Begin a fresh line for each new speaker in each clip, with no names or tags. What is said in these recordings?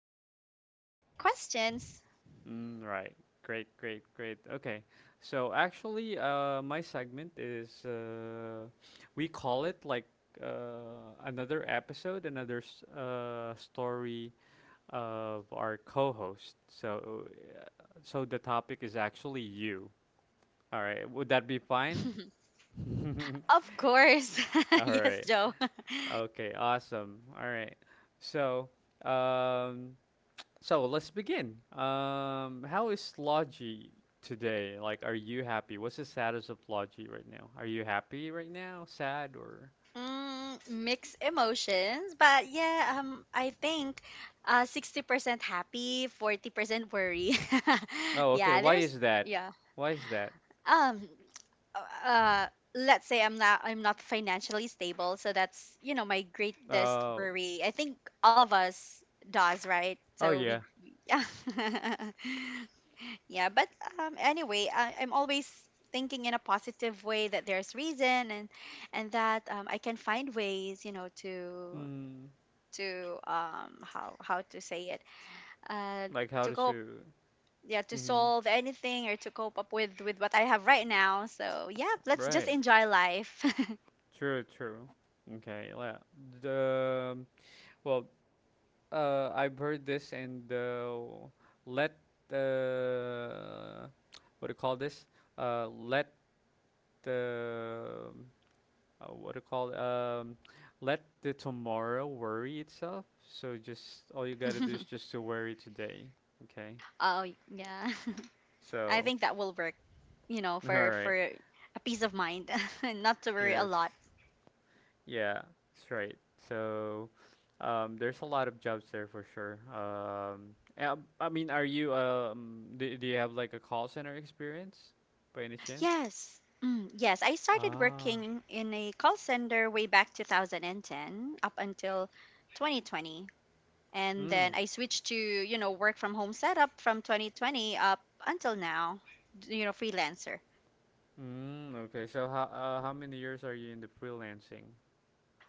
And feel free to ask any questions.
Mm, right. Great, great, great. Okay. So actually, my segment is we call it like another episode, story of our co-host. So, uh, so the topic is actually you. All right. Would that be fine?
Of course.
All
Yes,
right.
Joe.
Okay. Awesome. All right. So, um, So let's begin. How is Logi today? Like, are you happy? What's the status of Logi right now? Are you happy right now? Sad, or?
Mixed emotions, but yeah, I think 60% happy, 40% worry.
Oh, okay.
Yeah,
Why
there's,
is that?
yeah.
Why is that?
Um, uh let's say I'm not financially stable, so that's my greatest
Oh,
worry, I think. All of us does, right?
oh,
So we,
yeah.
yeah. Yeah, but anyway, I'm always thinking in a positive way that there's reason and that, I can find ways, to
Mm,
how to say it, uh
like how
to
to
cope.
sue.
Yeah, to
Mm-hmm.
solve anything, or to cope up with what I have right now. So yeah, let's just
Right.
enjoy life.
True. True. Okay. Yeah. The well, I've heard this, and let uh, what do you call this? Let the What do you call it? Let the tomorrow worry itself. So, just all you gotta do is just to worry today. Okay.
Oh yeah, I
So,
think that will work. You know,
all
for
right.
a peace of mind, and not to worry a
Yes.
lot.
Yeah. That's right. So there's a lot of jobs there for sure. I mean, do you have like a call center experience by any chance?
Yes. Yes, I started
Ah.
working in a call center way back 2010 up until 2020. And
Mm.
then I switched to, you know, work from home setup from 2020 up until now, you know, freelancer.
Mm. Okay. So how many years are you in the freelancing?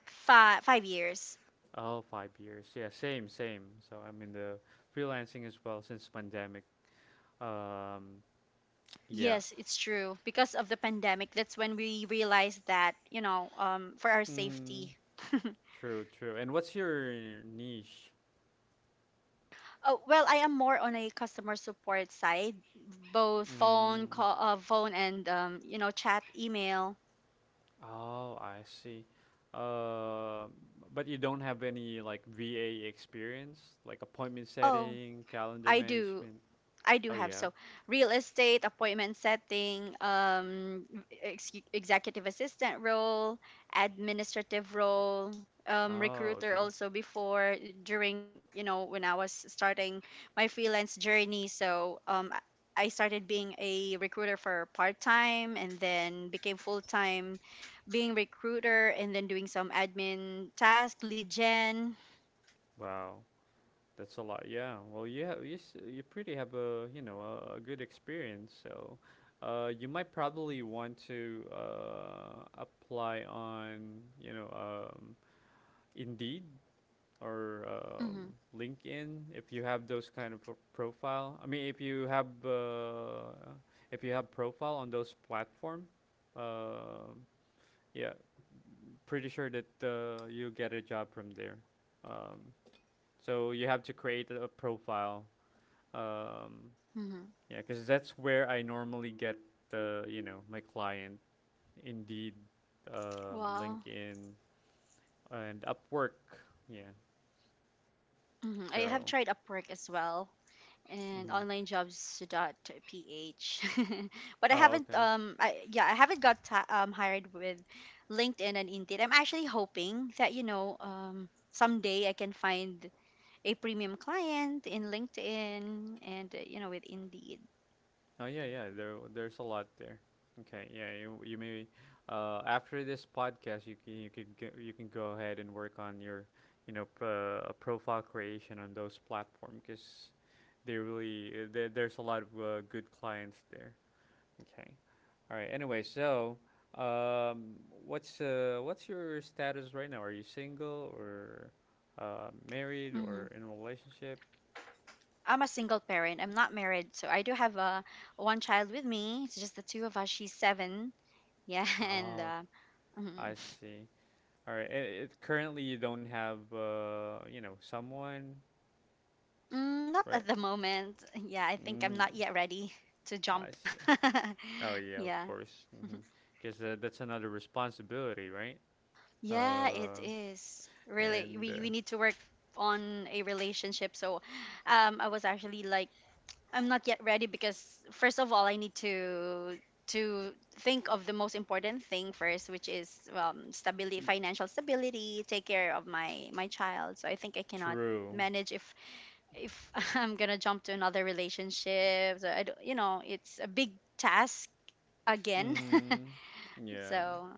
5 years.
Oh, 5 years. Yeah, same, same. So I'm in the freelancing as well since pandemic. Um, yeah.
Yes, it's true. Because of the pandemic, that's when we realized that, you know, for our
Mm,
safety.
true, true. And what's your niche?
Oh, well, I am more on a customer support side, both phone
Mm,
call, phone, and you know, chat, email.
oh, I see. Uh, but you don't have any like VA experience, like appointment
Oh,
setting, calendar
I do.
management.
I do
Oh,
have.
yeah.
So, real estate, appointment setting, executive assistant role, administrative role,
Oh,
recruiter
okay.
also before, during, you know, when I was starting my freelance journey. So, I started being a recruiter for part time and then became full time, being recruiter and then doing some admin task, lead general.
Wow. That's a lot. Yeah. Well, you pretty have a good experience. So, you might probably want to apply on Indeed or
Mm-hmm,
LinkedIn if you have those kind of profile. I mean, if you have profile on those platform, uh, yeah, pretty sure that you'll get a job from there. Um, so you have to create a profile, um,
mm-hmm.
yeah, because that's where I normally get the you know my client, Indeed,
Wow.
LinkedIn, and Upwork. Yeah.
I have
So.
tried Upwork as well, and
Mm-hmm.
onlinejobs.ph. but I
Oh,
haven't
okay.
I yeah, I haven't got hired with LinkedIn and Indeed. I'm actually hoping that, you know, someday I can find a premium client in LinkedIn, and you know, with Indeed.
Oh, yeah, yeah. There's a lot there. Okay. Yeah. You maybe after this podcast, you can go ahead and work on your profile creation on those platforms because there's a lot of good clients there. Okay. All right. Anyway, so, um, what's your status right now? Are you single, or married,
hmm
or in a relationship?
I'm a single parent. I'm not married, so I do have one child with me. It's just the two of us. She's seven. Yeah, and
Oh, I
mhm.
see. All right. Currently, you don't have someone,
Not
right?
at the moment. Yeah, I think I'm
Mm,
not yet ready to
I
jump.
see. Oh yeah, of
Yeah.
course. Because that's another responsibility, right?
Yeah, it
Uh,
is. Really,
and
we,
uh,
we need to work on a relationship. So, I was actually like, I'm not yet ready because, first of all, I need to think of the most important thing first, which is, stability,
y-
financial stability, take care of my child. So I think I cannot
true.
manage if I'm gonna jump to another relationship. So, I, don't- you know, it's a big task again.
Mm, yeah.
So,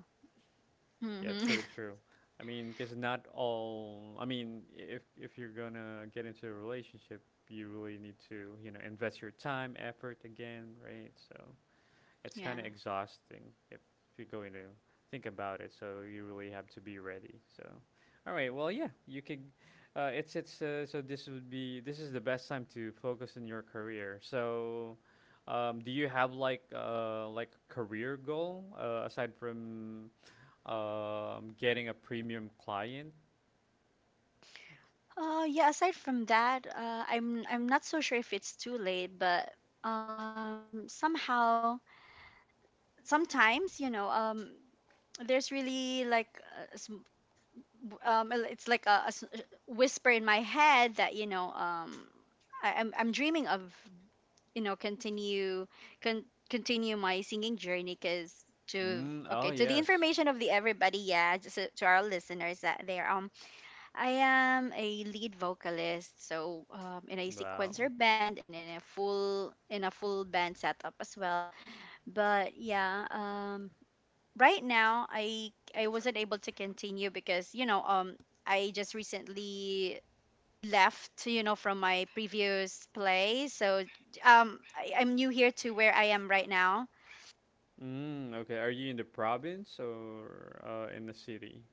Yeah,
hmm.
true, true. I mean, because not all. I mean, if you're gonna get into a relationship, you really need to, invest your time, effort again, right? So it's
Yeah.
kind of exhausting if you're going to think about it. So you really have to be ready. So, all right. Well, yeah, you could. It's so this would be this is the best time to focus in your career. So, do you have like career goal aside from getting a premium client.
Yeah. Aside from that, I'm not so sure if it's too late, but, somehow, sometimes, you know, there's really like, a sm- it's like a whisper in my head that, you know, I'm dreaming of, you know, continue, continue my singing journey. Because to,
Mm, oh
okay, to the
yes.
information of the everybody, yeah, just to our listeners that there, I am a lead vocalist, so, in a
Wow.
sequencer band, and in a full, band setup as well. But yeah, right now, I wasn't able to continue because, you know, I just recently left, you know, from my previous place. So, I'm new here to where I am right now.
Mm, okay. Are you in the province, or in the city?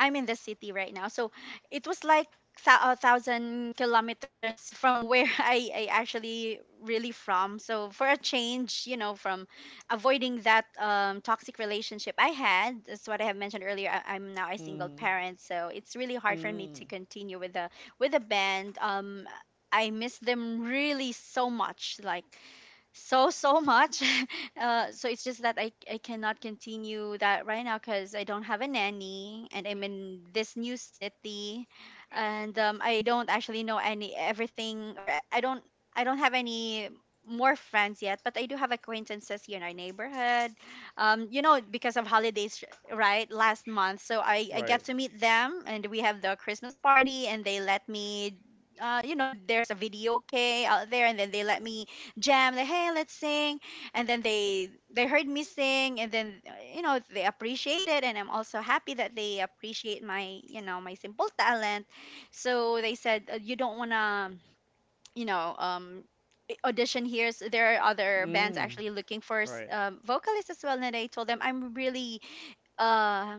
I'm in the city right now, so it was like 1,000 kilometers from where, I actually really from. So, for a change, you know, from avoiding that, toxic relationship I had. That's what I have mentioned earlier. I'm now a single
Mm,
parent, so it's really hard for me
mm,
to continue with the, band. I miss them really so much. Like, so much. So it's just that I cannot continue that right now, because I don't have a nanny and I'm in this new city. And, I don't actually know any everything, or I don't have any more friends yet. But I do have acquaintances here in our neighborhood, you know, because of holidays, right? Last month, so I
right.
get to meet them, and we have the Christmas party, and they let me, you know, there's a video k out there. And then they let me jam, like, hey, let's sing. And then they heard me sing, and then, you know, they appreciate it, and I'm also happy that they appreciate, my you know, my simple talent. So they said, you don't want to, you know, audition here. So there are other bands
Mm,
actually looking for
right.
vocalists as well. And I told them, I'm really, uh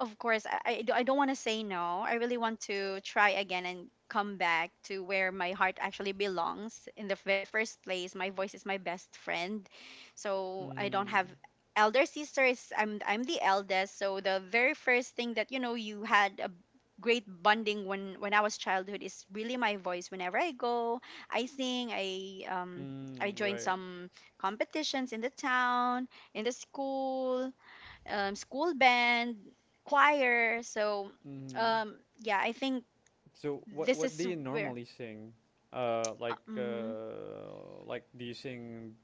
of course, I don't want to say no. I really want to try again and come back to where my heart actually belongs. In the very first place, my voice is my best friend. So I don't
Mm,
have, elder sister is, I'm the eldest. So the very first thing that, you know, you had a great bonding, when I was childhood, is really my voice. Whenever I go, I sing, I
mm,
join
right.
some competitions in the town, in the school, school band, choir. So,
Mm.
yeah, I think
So, what
this
what
is
do you
where,
normally sing? Uh,
uh,
like
mhm,
uh, like do you sing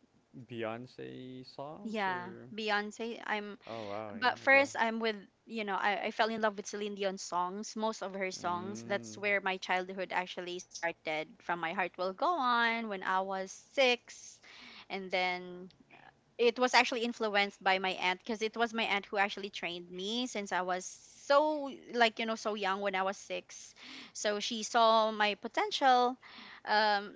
Beyonce songs,
yeah,
or?
Beyonce. I'm,
Oh wow.
but
Yeah. About.
first, I'm with, you know, I fell in love with Celine Dion's songs, most of her songs. That's
Mm.
where my childhood actually started. From My Heart Will Go On, when I was 6. And then it was actually influenced by my aunt, because it was my aunt who actually trained me since I was, so, like, you know, so young, when I was 6. So she saw my potential, um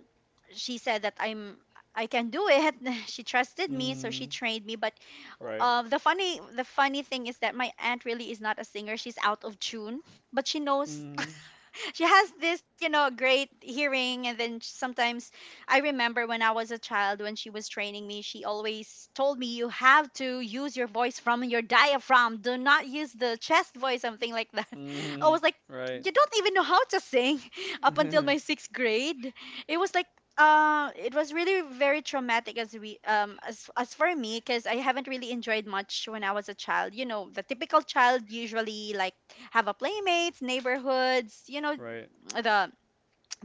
she said that I can do it. She trusted me, so she
Mm.
trained me. But,
Right.
the funny thing is that my aunt really is not a singer. She's out of tune, but she knows.
Mm.
She has this, you know, great hearing. And then sometimes, I remember when I was a child, when she was training me, she always told me, you have to use your voice from your diaphragm. Do not use the chest voice, something like that.
mm
I
hmm
was like,
Right.
you don't even know how to sing. Up until my sixth grade. It was like, it was really very traumatic as we as for me, because I haven't really enjoyed much when I was a child. You know, the typical child usually like have a playmates, neighborhoods, you know,
Right.
the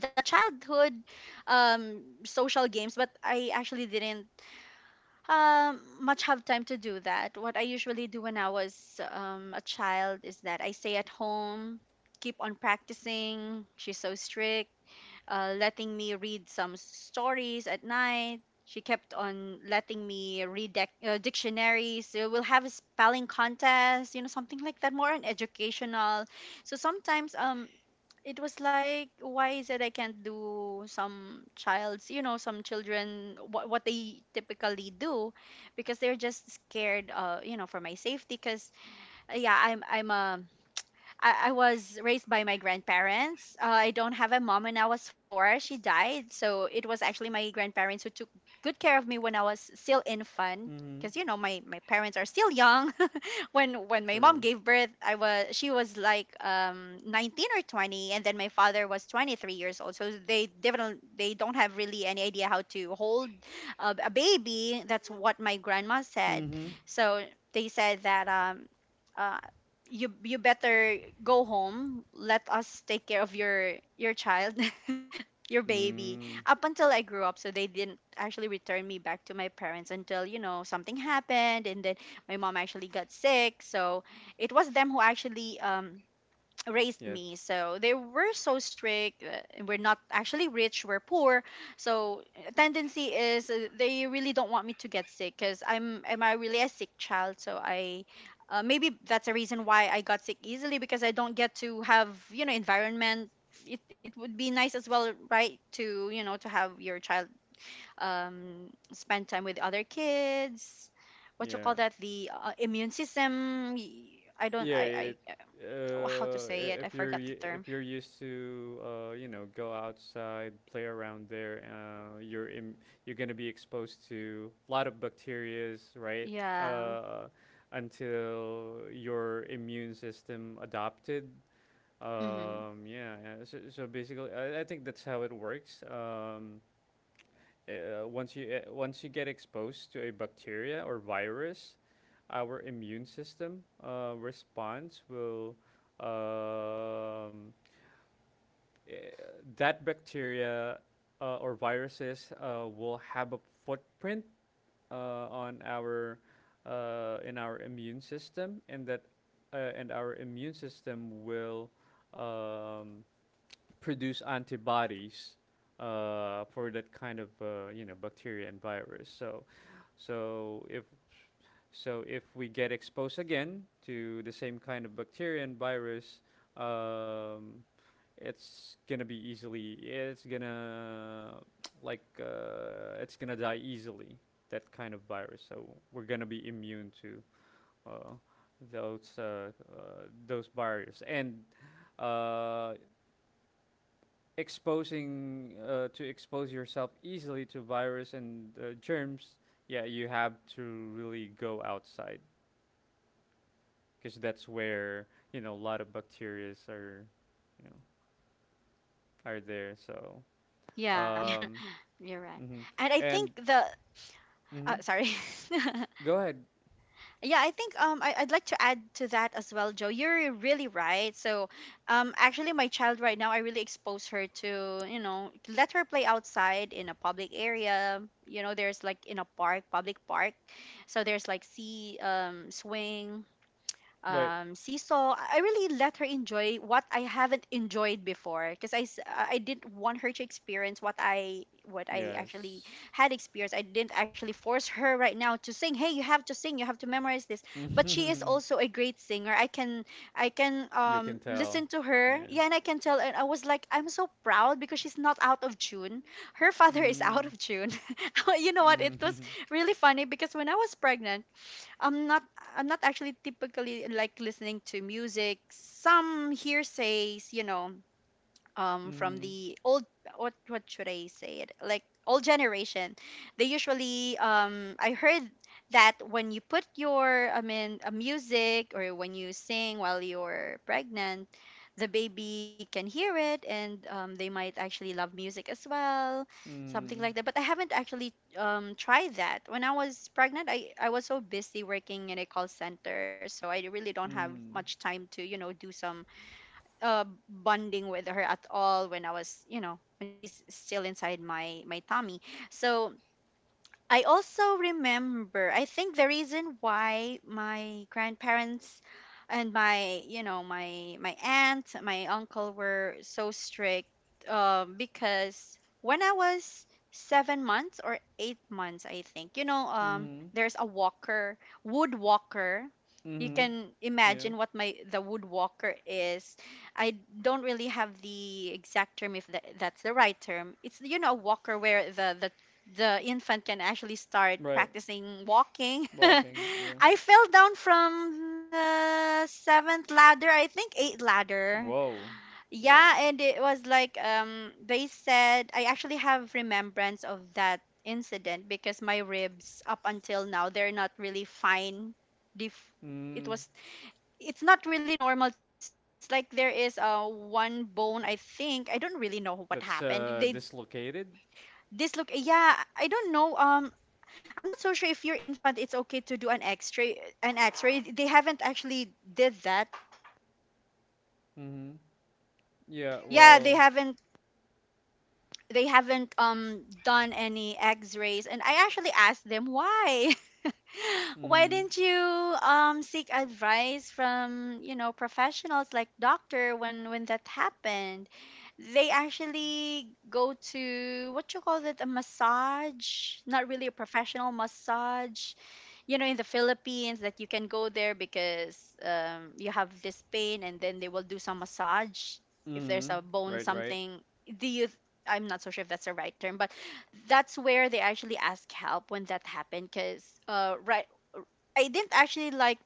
the childhood, social games. But I actually didn't much have time to do that. What I usually do when I was, a child, is that I stay at home, keep on practicing. She's so strict, letting me read some stories at night. She kept on letting me read dec dictionaries, so we'll have a spelling contest, you know, something like that, more on educational. So sometimes, it was like, why is it I can't do some child's, you know, some children, what they typically do, because they're just scared, you know, for my safety. Because yeah, I'm a, I was raised by my grandparents. I don't have a mom. When I was 4, she died. So it was actually my grandparents who took good care of me when I was still infant,
mm hmm
because, you know, my parents are still young when my mom
True.
gave birth. I was, she was like, 19 or 20, and then my father was 23 years old. So they definitely, they don't have really any idea how to hold a baby. That's what my grandma said.
Mm-hmm.
So they said that, uh you better go home. Let us take care of your child. Your baby,
Mm.
up until I grew up. So they didn't actually return me back to my parents until, you know, something happened. And then my mom actually got sick, so it was them who actually, raised
Yeah.
me. So they were so strict, we're not actually rich, we're poor. So, tendency is, they really don't want me to get sick, because I'm am I really a sick child. So I, maybe that's a reason why I got sick easily, because I don't get to have, you know, environment. It would be nice as well, right, to, you know, to have your child spend time with other kids. What you
Yeah.
call that? The immune system. I don't.
Yeah. It,
I. How to say
I-
it? I
if you're
forgot the
y- if
term.
you're used to go outside, play around there, you're gonna be exposed to a lot of bacterias, right?
Yeah.
Uh, until your immune system adopted.
Hmm.
Yeah, yeah. So basically, I think that's how it works. Once you get exposed to a bacteria or virus, our immune system response will, um, eh, that bacteria, or viruses, will have a footprint on our in our immune system, and that and our immune system will um, produce antibodies for that kind of bacteria and virus. So if so if we get exposed again to the same kind of bacteria and virus, um, it's gonna be easily it's gonna it's gonna die easily, that kind of virus. So we're gonna be immune to uh, those viruses, and uh, exposing to expose yourself easily to virus and germs. Yeah, you have to really go outside because that's where a lot of bacteria you know, are there. So,
Yeah. Yeah.
um,
You're right.
mhm,
And I think
and
the.
mhm.
Sorry.
Go ahead.
Yeah, I think I'd like to add to that as well, Joe. You're really right. So actually my child right now I really expose her to, you know, let her play outside in a public area. You know, there's like in a park, public park. So there's like sea swing,
Right.
seesaw. I really let her enjoy what I haven't enjoyed before because I didn't want her to experience what I actually
Yes.
had experienced. I didn't actually force her right now to sing. Hey, you have to sing. You have to memorize this. But she is
You
also a great singer. I can I can
can
um
tell.
listen to her.
Yeah.
Yeah, and I can tell. And I was like, I'm so proud because she's not out of tune. Her father is out
Mm.
of tune. you know what? It was really funny because when I was pregnant. I'm not, actually typically like listening to music. Some hearsays, you know, from
Mm.
the old, what should I say it, like old generation, they usually, I heard that when you put your, I mean, a music or when you sing while you're pregnant, the baby can hear it, and they might actually love music as well, something
Mm.
like that. But I haven't actually tried that. When I was pregnant, I was so busy working in a call center, so I really don't have
Mm.
much time to, you know, do some uh, bonding with her at all when I was, you know, when she's still inside my tummy. So I also remember, I think the reason why my grandparents and, my, you know, my aunt, my uncle were so strict, because when I was 7 months or 8 months, I think, you know,
Mm.
there's a walker, wood walker. You
Mm.
can
Yeah.
imagine what my the wood walker is. I don't really have the exact term if that's the right term. It's, you know, a walker where the infant can actually start
Right.
practicing walking.
Walking. Yeah.
I fell down from the seventh ladder, I think eighth ladder.
Whoa. Yeah.
Yeah, and it was like, they said I actually have remembrance of that incident because my ribs up until now they're not really fine. Def- it
Mm,
was, it's not really normal to see. It's like there is a one bone I think. I don't really know what
that's
happened. They
dislocated.
this look yeah, I don't know. I'm not so sure if your infant it's okay to do an X-ray, an X-ray. They haven't actually did that.
Mm-hmm. Yeah.
Yeah, they
Well.
haven't they haven't um done any X-rays, and I actually asked them why. Why
Mm-hmm.
didn't you seek advice from, you know, professionals like doctor when that happened? They actually go to, what you call it, a massage, not really a professional massage. You know, in the Philippines that you can go there because you have this pain and then they will do some massage if there's
Mm-hmm.
a bone
Right. Right.
something. Do you I'm not so sure if that's the right term, but that's where they actually ask help when that happened because right, I didn't actually like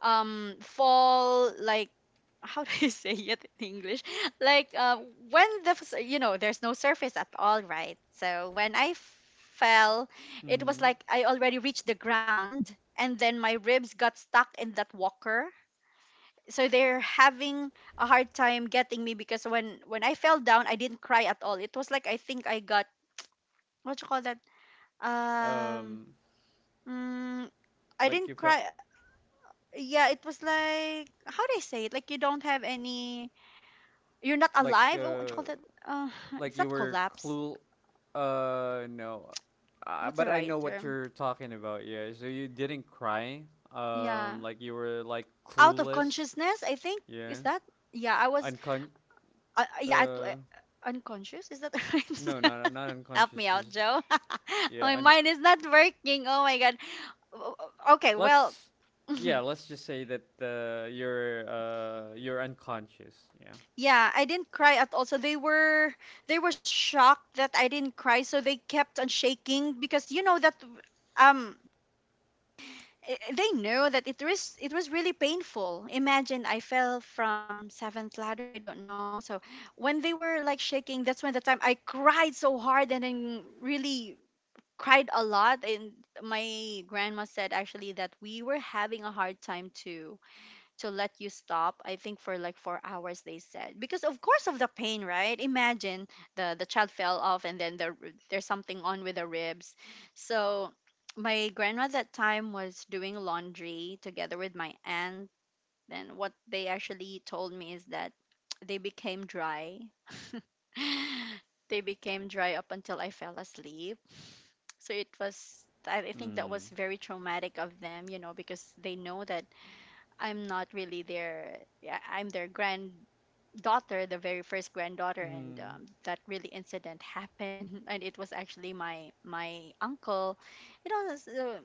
fall like, how do you say it in English, like when you know there's no surface at all, right? So when I fell, it was
Mm-hmm.
like I already reached the ground and then my ribs got stuck in that walker, so they're having a hard time getting me. Because when I fell down I didn't cry at all. It was like I think I got, what you call that, um,
Um.
mm, I
Like you
didn't
felt.
cry. Yeah, it was like, how do I say it? Like you don't have any. You're not
Like
alive. Oh, what you call
uh.
that? Uh,
Like
it's
you
not
were
collapse.
clue. No. Uh,
What's
but
the
I know
right
what
term?
you're talking about. Yeah. So you didn't cry.
Yeah,
Like you were like
out of
clueless.
consciousness. I think, is
Yeah.
that. Yeah, I was.
Uncon.
Yeah,
Uh.
unconscious. Is that the
No.
right?
Not
Help
unconscious.
me out,
Cause,
Joe.
yeah.
my
Unc.
mind is not working. Oh my god. Okay, well.
let's yeah let's just say that you're unconscious, yeah.
Yeah, I didn't cry at all. So they were shocked that I didn't cry. So they kept on shaking because you know that, um they knew that it was really painful. Imagine I fell from seventh ladder. I don't know. So when they were like shaking, that's when the time I cried so hard, and then really cried a lot. And my grandma said actually that we were having a hard time too to let you stop. I think for like 4 hours, they said, because of course of the pain, right? Imagine the child fell off, and then there's something on with the ribs. So my grandma at that time was doing laundry together with my aunt, and what they actually told me is that they became dry, they became dry up until I fell asleep. So it was, I think that was
Mm.
very traumatic of them, you know, because they know that I'm not really their, yeah, I'm their granddaughter, the very first granddaughter. And that really incident happened, and it was actually my uncle, you know. So,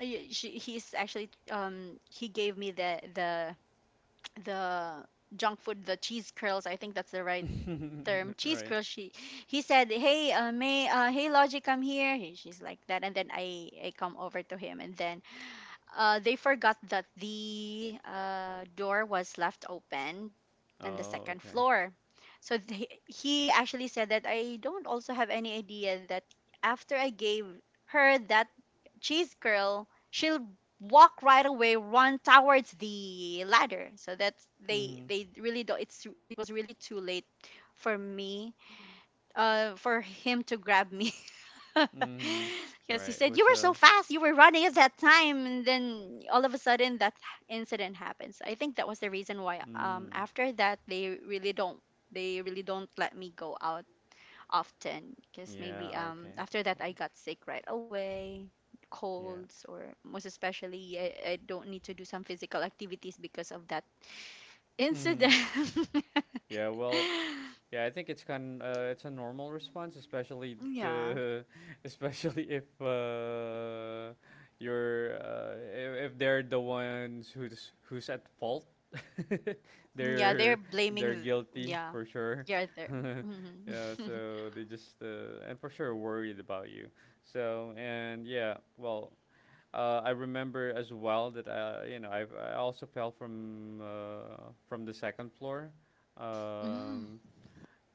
he's actually, he gave me the junk food, the cheese curls. I think that's the right term,
Mm.
cheese
Right.
curls. She He said, hey, may hey, logic, come here. She's like that, and then I come over to him, and then they forgot that the door was left open on the
Oh
second
okay.
floor. So he actually said that I don't also have any idea that after I gave her that cheese curl, she'll walk right away, run towards the ladder. So that's
Mm-hmm.
they really don't. It was really too late for me, for him to grab me.
Mm-hmm.
Because he
Right.
said, you
What's
were
uh
so fast, you were running at that time. And then all of a sudden, that incident happens. I think that was the reason why,
mm
after that, They really don't let me go out often. Because
yeah,
maybe
okay.
after that
Well,
I got sick right away,
yeah.
colds, or most especially I don't need to do some physical activities because of that incident.
Mm-hmm. Yeah. Well, yeah, I think it's a normal response, especially
yeah,
the, especially if you're if they're the ones who's at fault.
yeah, they're
they're
blaming.
they're
th-
guilty
yeah,
for sure.
yeah, they're. Mhm.
Yeah, so they just and for sure worried about you. So, and yeah, well, I remember as well that I also fell from from the second floor.
Mm.
Um,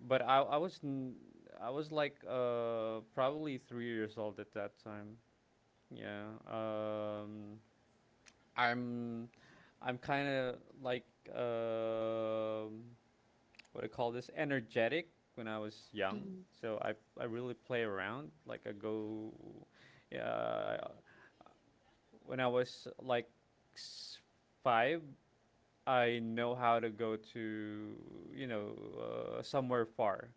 but I was like probably 3 years old at that time. Yeah. I'm I'm kind of like, um what do you call this, energetic when I was young.
Mm,
So, I really play around. Like I go. Yeah. When I was like s- five, I know how to go to you know somewhere far,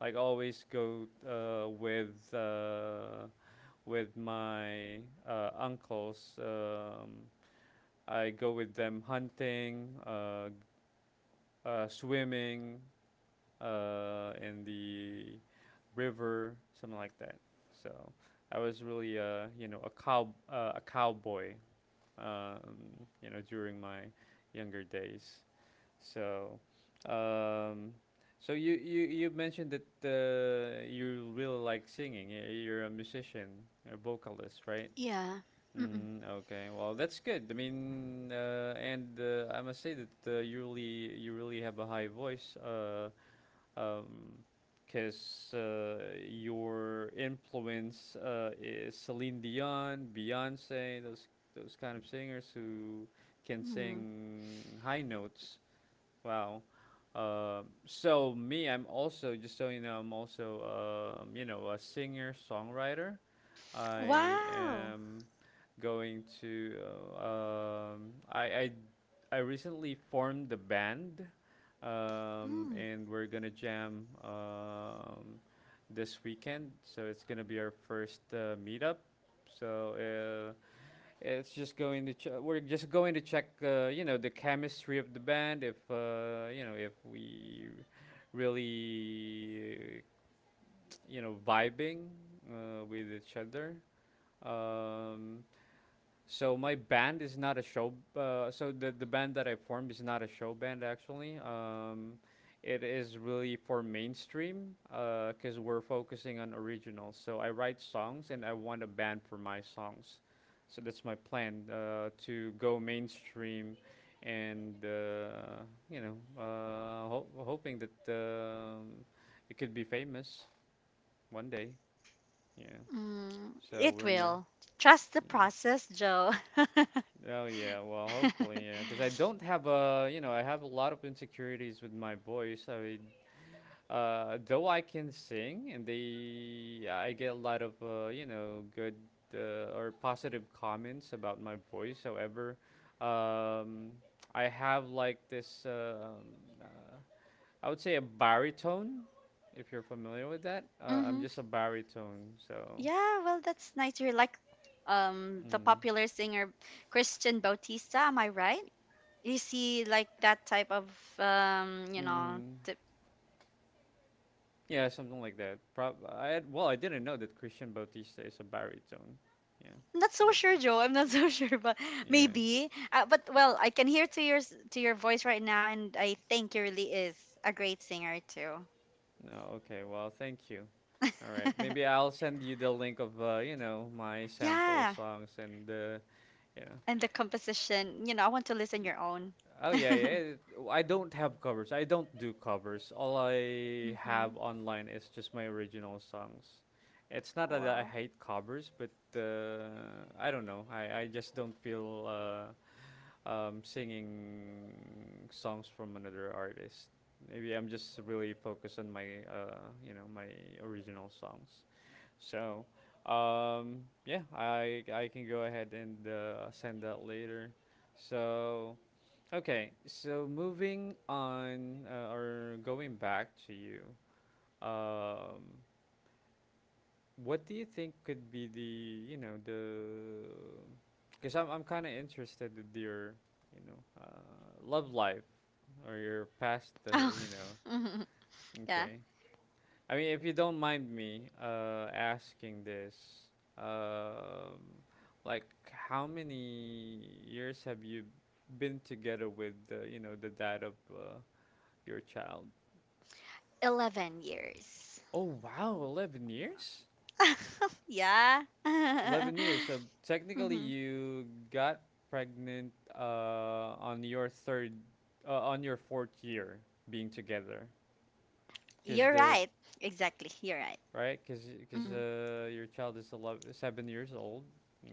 like always go with my uncles. I go with them hunting, swimming in the river, something like that. So, I was really a cowboy, during my younger days. So, um, so you mentioned that you really like singing. You're a musician, a vocalist, right?
yeah. Mm-mm,
Mm, okay. Well, that's good. I mean, and I must say that you really have a high voice. Um, because your influence is Celine Dion, Beyonce, those kind of singers who can
mm.
sing high notes. Wow. So me, I'm also, just so you know, I'm also, a singer songwriter. I
Wow.
am going to. I recently formed the band,
Mm,
and we're gonna jam, this weekend. So it's gonna be our first meetup. So, it's just going to ch- we're just going to check you know, the chemistry of the band, if if we really vibing with each other. Um, so my band is not a show. So the band that I formed is not a show band, actually. It is really for mainstream because we're focusing on originals. So I write songs, and I want a band for my songs. So that's my plan, to go mainstream, and hoping that it could be famous one day. Yeah.
mm.
So
It
we're not.
will. Trust the process, Joe.
Oh yeah, well, hopefully, yeah, because I don't have a you know I have a lot of insecurities with my voice. I mean, though I can sing, and they I get a lot of good, or positive comments about my voice. However, um, I have like this, uh, I would say, a baritone, if you're familiar with that. I'm
hmm.
just a baritone, so,
Yeah, well, that's nice. You're like, the
mm,
popular singer Christian Bautista, am I right? You see, like that type of, you know,
mm.
tip.
Yeah, something like that. Well, I didn't know that Christian Bautista is a baritone. Yeah,
I'm not so
but
sure, Joe. I'm not so sure, but
yeah,
maybe. But well, I can hear to your to your voice right now, and I think you really is a great singer too.
no, okay. Well, thank you. All right, maybe I'll send you the link of, you know, my sample
yeah,
songs and, you know.
and the composition. You know, I want to listen
y-
your own.
Oh yeah, yeah. I don't have covers. I don't do covers. All I have
hmm.
online is just my original songs. It's not that I
Wow.
hate covers, but uh, I don't know. I just don't feel singing songs from another artist. Maybe I'm just really focused on my, uh, you know, my original songs. So, yeah, I can go ahead and send that later. So, okay, so moving on or going back to you. Um, what do you think could be the, because I'm kind of interested in your, love life or your past,
Oh, mhm, yeah.
okay. I mean, if you don't mind me asking this, um, like, how many years have you been together with, the dad of your child?
11 years.
Oh, wow, 11 years?
yeah.
11 years. So technically,
hmm.
you got pregnant on your third, on your fourth year being together. Because
You're
the,
right. Exactly. You're right.
right? Because because
Hmm.
uh, your child is 11, 7 years old.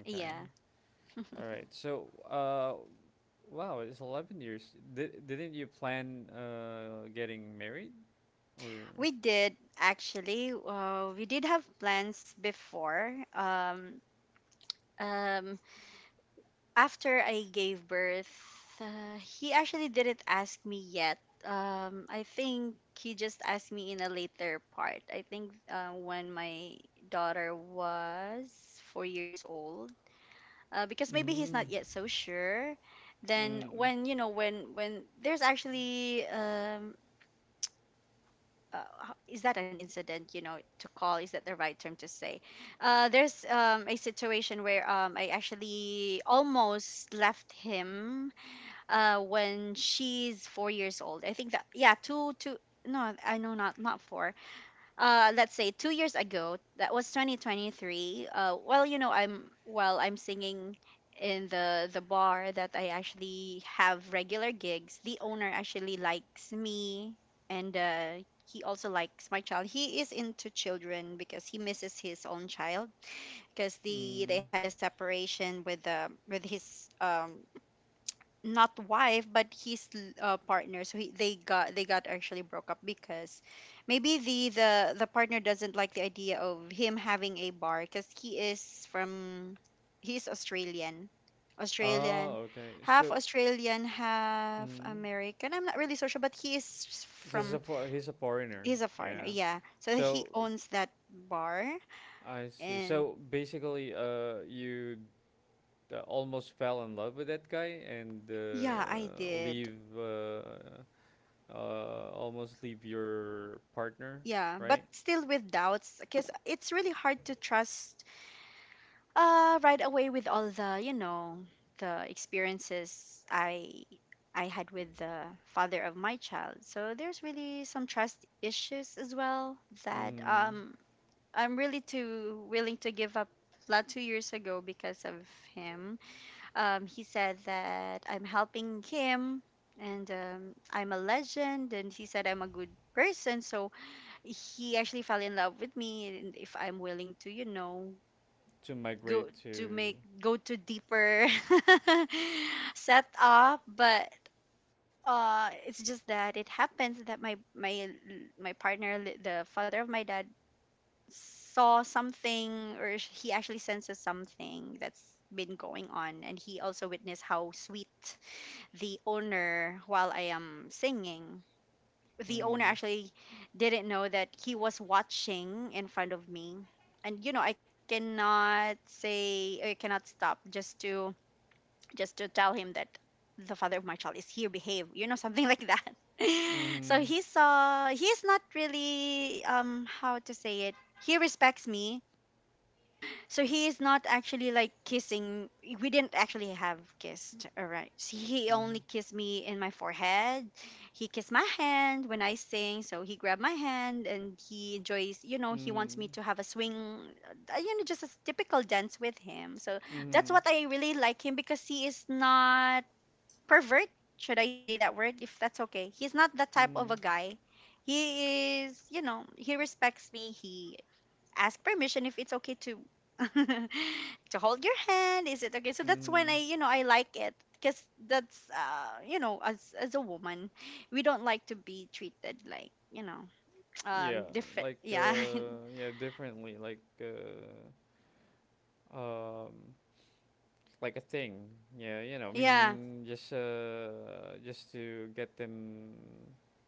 Okay.
Yeah.
All right. So, wow, it's 11 years. Didn't you plan getting married? Or.
We did actually. We did have plans before. Um, after I gave birth, he actually didn't ask me yet. I think he just asked me in a later part. I think when my daughter was 4 years old, because maybe he's not
Mm.
yet so sure. Then
Mm.
when you know when there's actually ho- is that an incident, you know, to call, is that the right term to say, there's, a situation where, I actually almost left him, when she's 4 years old, I think. That yeah two two no I know not not four uh, let's say 2 years ago, that was 2023. Well, you know, I'm singing in the bar that I actually have regular gigs. The owner actually likes me, and he also likes my child. He is into children because he misses his own child. Because they
Mm.
had a separation with the, with his, not wife but his, partner. So, they got, actually broke up because maybe the partner doesn't like the idea of him having a bar. Because he is from, he's Australian. australian
Oh, okay.
Half
So,
Australian, half
mm.
American. I'm not really so sure, but he is
This is a
from,
fo- He's a foreigner.
he's a foreigner.
Yeah.
Yeah, so he
So
owns that bar.
I see.
And
So basically, you almost fell in love with that guy and
yeah, I did.
leave almost leave your partner,
Yeah, but
right?
still with doubts, because it's really hard to trust right away with all the, you know, the experiences I had with the father of my child. So there's really some trust issues as well that
Mm-hmm.
I'm really too willing to give up lot 2 years ago because of him. He said that I'm helping him, and I'm a legend, and he said I'm a good person, so he actually fell in love with me. And if I'm willing to
To migrate
go
to.
go to deeper setup, but it's just that it happens that my partner, the father of my dad, saw something, or he actually senses something that's been going on, and he also witnessed how sweet the owner while I am singing. The owner
Mm.
actually didn't know that he was watching in front of me. And you know, I cannot stop just to tell him that the father of my child is here, behave, something like that. So
Mm-hmm.
he saw he's not really, how to say it, he respects me. So he is not actually like kissing. We didn't actually have kissed. All right. So he
Mm-hmm.
only kissed me in my forehead. He kissed my hand when I sing. So he grabbed my hand and he enjoys, he wants me
Mm.
to have a swing, just a typical dance with him. So that's
Mm-hmm.
what I really like him, because he is not pervert. Should I say that word? If that's okay. He's not that type of
Mm-hmm.
a guy. He is, he respects me. He ask permission if it's okay to to hold your hand, is it okay, so that's when
Mm-hmm.
I I like it, because that's as a woman, we don't like to be treated like,
Yeah,
different.
like
Yeah.
yeah, differently. Um like a thing. Yeah, you know, I
Yeah,
mean, just to get them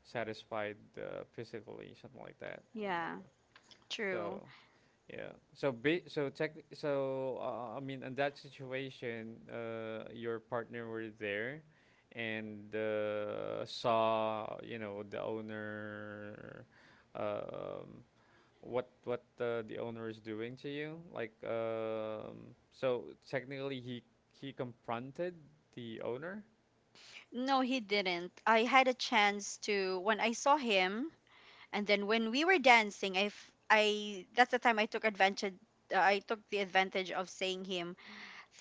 satisfied, physically, something like that. You know,
yeah, true.
so yeah, so be so tech. So I mean, in that situation, your partner were there, and saw, you know, the owner. Um, what the owner is doing to you, like, um, so technically he confronted the owner.
No, he didn't. I had a chance to, when I saw him, and then when we were dancing, I f- I that's the time I took advantage. I took the advantage of saying him,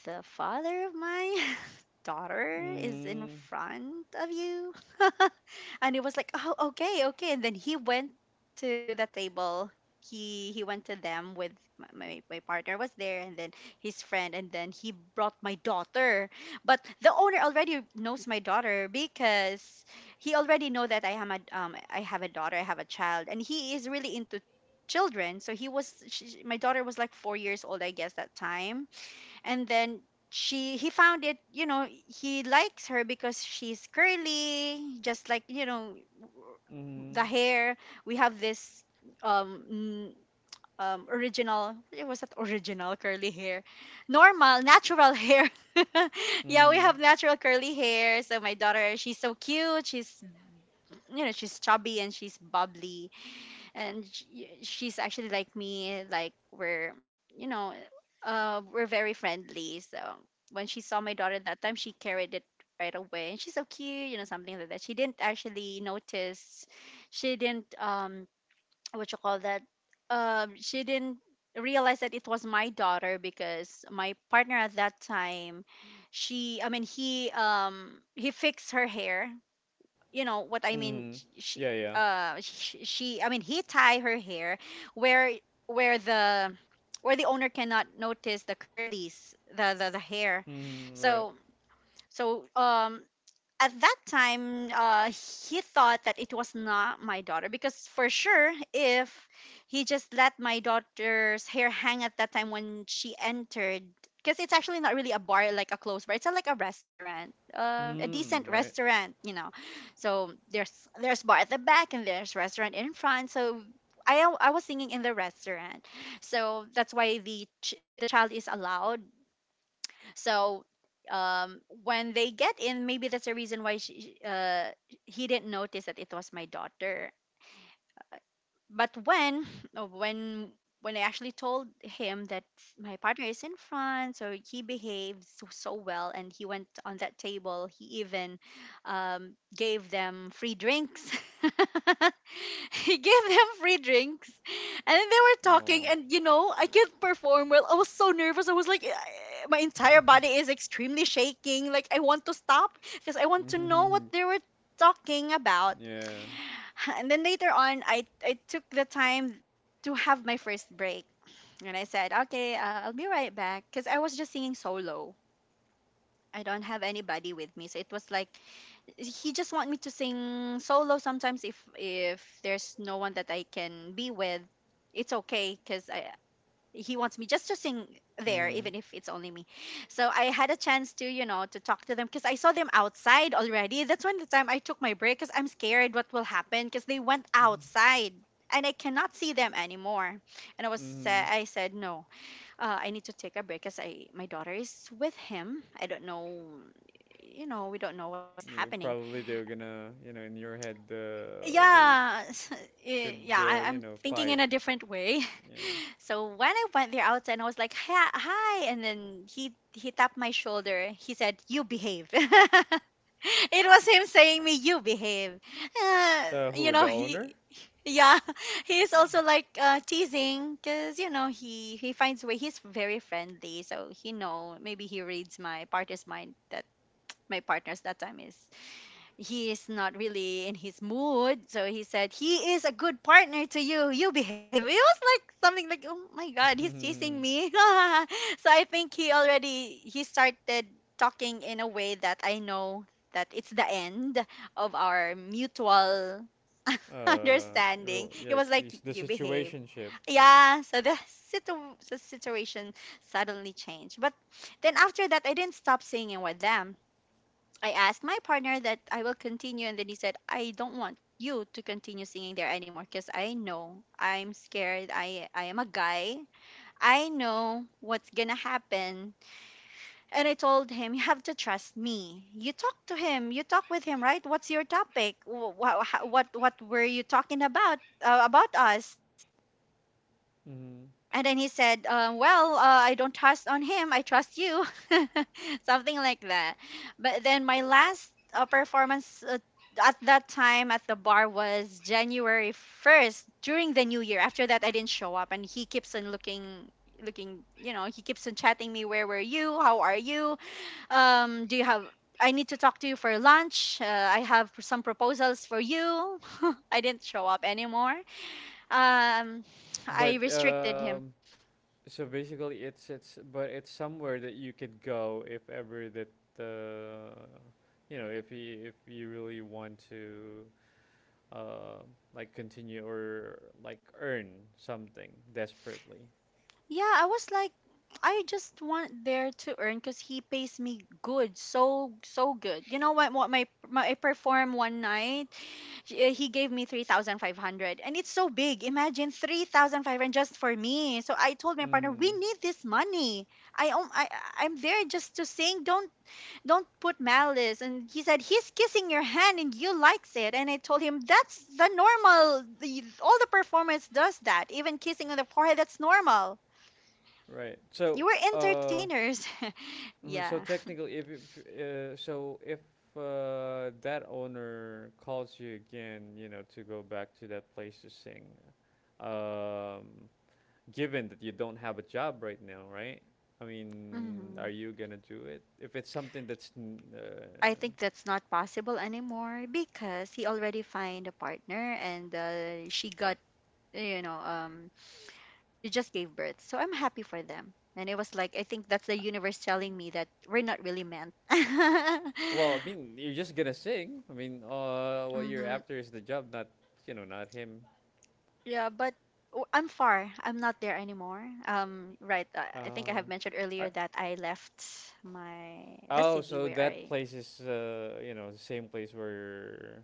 the father of my daughter is in
Mm.
front of you. And it was like, oh, okay, okay. And then he went to the table. He went to them with my partner was there, and then his friend, and then he brought my daughter. But the owner already knows my daughter because he already know that I have a daughter, I have a child, and he is really into children. So he was she, my daughter, was like 4 years old, I guess, that time, and then she he found it, he likes her because she's curly, just like, the
Mm.
hair. We have this, um n- original, it was that original curly hair, normal natural hair. Yeah, we
Mm.
have natural curly hair. So my daughter, she's so cute, she's, she's chubby and she's bubbly, and she's actually like me, like we're, you know we're very friendly, so when she saw my daughter that time, she carried it right away. And she's so cute, something like that. She didn't actually notice. She didn't, what you call that, she didn't realize that it was my daughter, because my partner at that time, she, I mean he, he fixed her hair, you know what I mean.
Mm.
She,
Yeah, yeah.
she, I mean, he tie her hair, where where the where the owner cannot notice the curlies, the hair.
Mm. Right.
So so at that time, he thought that it was not my daughter, because for sure if he just let my daughter's hair hang at that time when she entered, because it's actually not really a bar, like a closed bar, it's a, like a restaurant, a decent
Mm. Right.
restaurant. So there's bar at the back, and there's restaurant in front. So I was singing in the restaurant, so that's why the child is allowed. So, when they get in, maybe that's the reason why he didn't notice that it was my daughter. But when, uh, when I actually told him that my partner is in France, so he behaved so, so well, and he went on that table. He even, gave them free drinks. He gave them free drinks, and then they were talking.
Oh.
And you know, I can't perform well. I was so nervous. I was like, "Eh, my entire body is extremely shaking. Like, I want to stop because I want to know what they were talking about."
Yeah.
And then later on, I took the time to have my first break, and I said, okay, I'll be right back, because I was just singing solo. I don't have anybody with me, so it was like he just want me to sing solo. Sometimes, if there's no one that I can be with, it's okay, because I he wants me just to sing there
Mm.
even if it's only me. So I had a chance to, to talk to them, because I saw them outside already, that's when the time I took my break, because I'm scared what will happen, because they went outside and I cannot see them anymore, and i was
Mm.
sa- i said, no, I need to take a break, because, I my daughter is with him, I don't know, you know, we don't know what's
You
happening.
probably, they're gonna, you know, in your head, they
Yeah. Eh,
could,
yeah, I,
you
i'm
know,
thinking
fight,
in a different way.
yeah.
So when I went there outside and I was like, hi, hi, and then he tapped my shoulder. He said, "You behave." It was him saying me, "You behave." Uh,
Who,
you know,
the
he
owner?
yeah, He's also like, teasing, because he finds way. He's very friendly, so he know maybe he reads my partner's mind that my partner's that time is, he is not really in his mood. So he said, he is a good partner to you. You behave. It was like something like, oh my God, he's chasing me. So I think he started talking in a way that I know that it's the end of our mutual
uh
understanding.
Real,
It
yeah,
was like,
it's the
you behave.
situationship, yeah.
Yeah, so the situation suddenly changed. But then after that, I didn't stop singing with them. I asked my partner that I will continue, and then he said, I don't want you to continue singing there anymore, because I know, I'm scared. I am a guy. I know what's going to happen. And I told him, you have to trust me. You talk to him. You talk with him, right? What's your topic? What were you talking about? About us?
Mm-hmm.
And then he said, "Well, I don't trust on him. I trust you," something like that. But then my last performance at that time at the bar was January first during the New Year. After that, I didn't show up, and he keeps on looking, he keeps on chatting me, where were you, how are you, do you have, I need to talk to you for lunch, I have some proposals for you. I didn't show up anymore. um
But,
I restricted him.
um, so basically it's, but it's somewhere that you could go if ever that, uh you know, if you really want to, uh like, continue or like earn something desperately.
Yeah, I was like, I just want there to earn because he pays me good, so so good. You know what? What my I perform one night, he gave me 3,500, and it's so big. Imagine 3,500 just for me. So I told my partner, we
Mm.
need this money. I om- I- I'm there just to sing. Don't put malice. And he said, he's kissing your hand and you likes it. And I told him, that's the normal. All the performance does that. Even kissing on the forehead, that's normal.
Right. So,
You were
uh
entertainers.
So
Yeah.
technically, if, so, if, that owner calls you again, you know, to go back to that place to sing, um, given that you don't have a job right now, right? I mean,
Hmm.
are you gonna do it? If it's something that's,
I think that's not possible anymore, because he already find a partner, and she got, you know, um, she just gave birth. So I'm happy for them. And it was like, I think that's the universe telling me that we're not really meant.
well, I mean, you're just gonna sing. I mean, what you're
Hmm.
after is the job, not, you know, not him.
Yeah, but I'm far. I'm not there anymore. Right. I think I
Uh,
have mentioned earlier
I,
that I left my the
Oh,
city
so
where
that
I
place is, you know, the same place where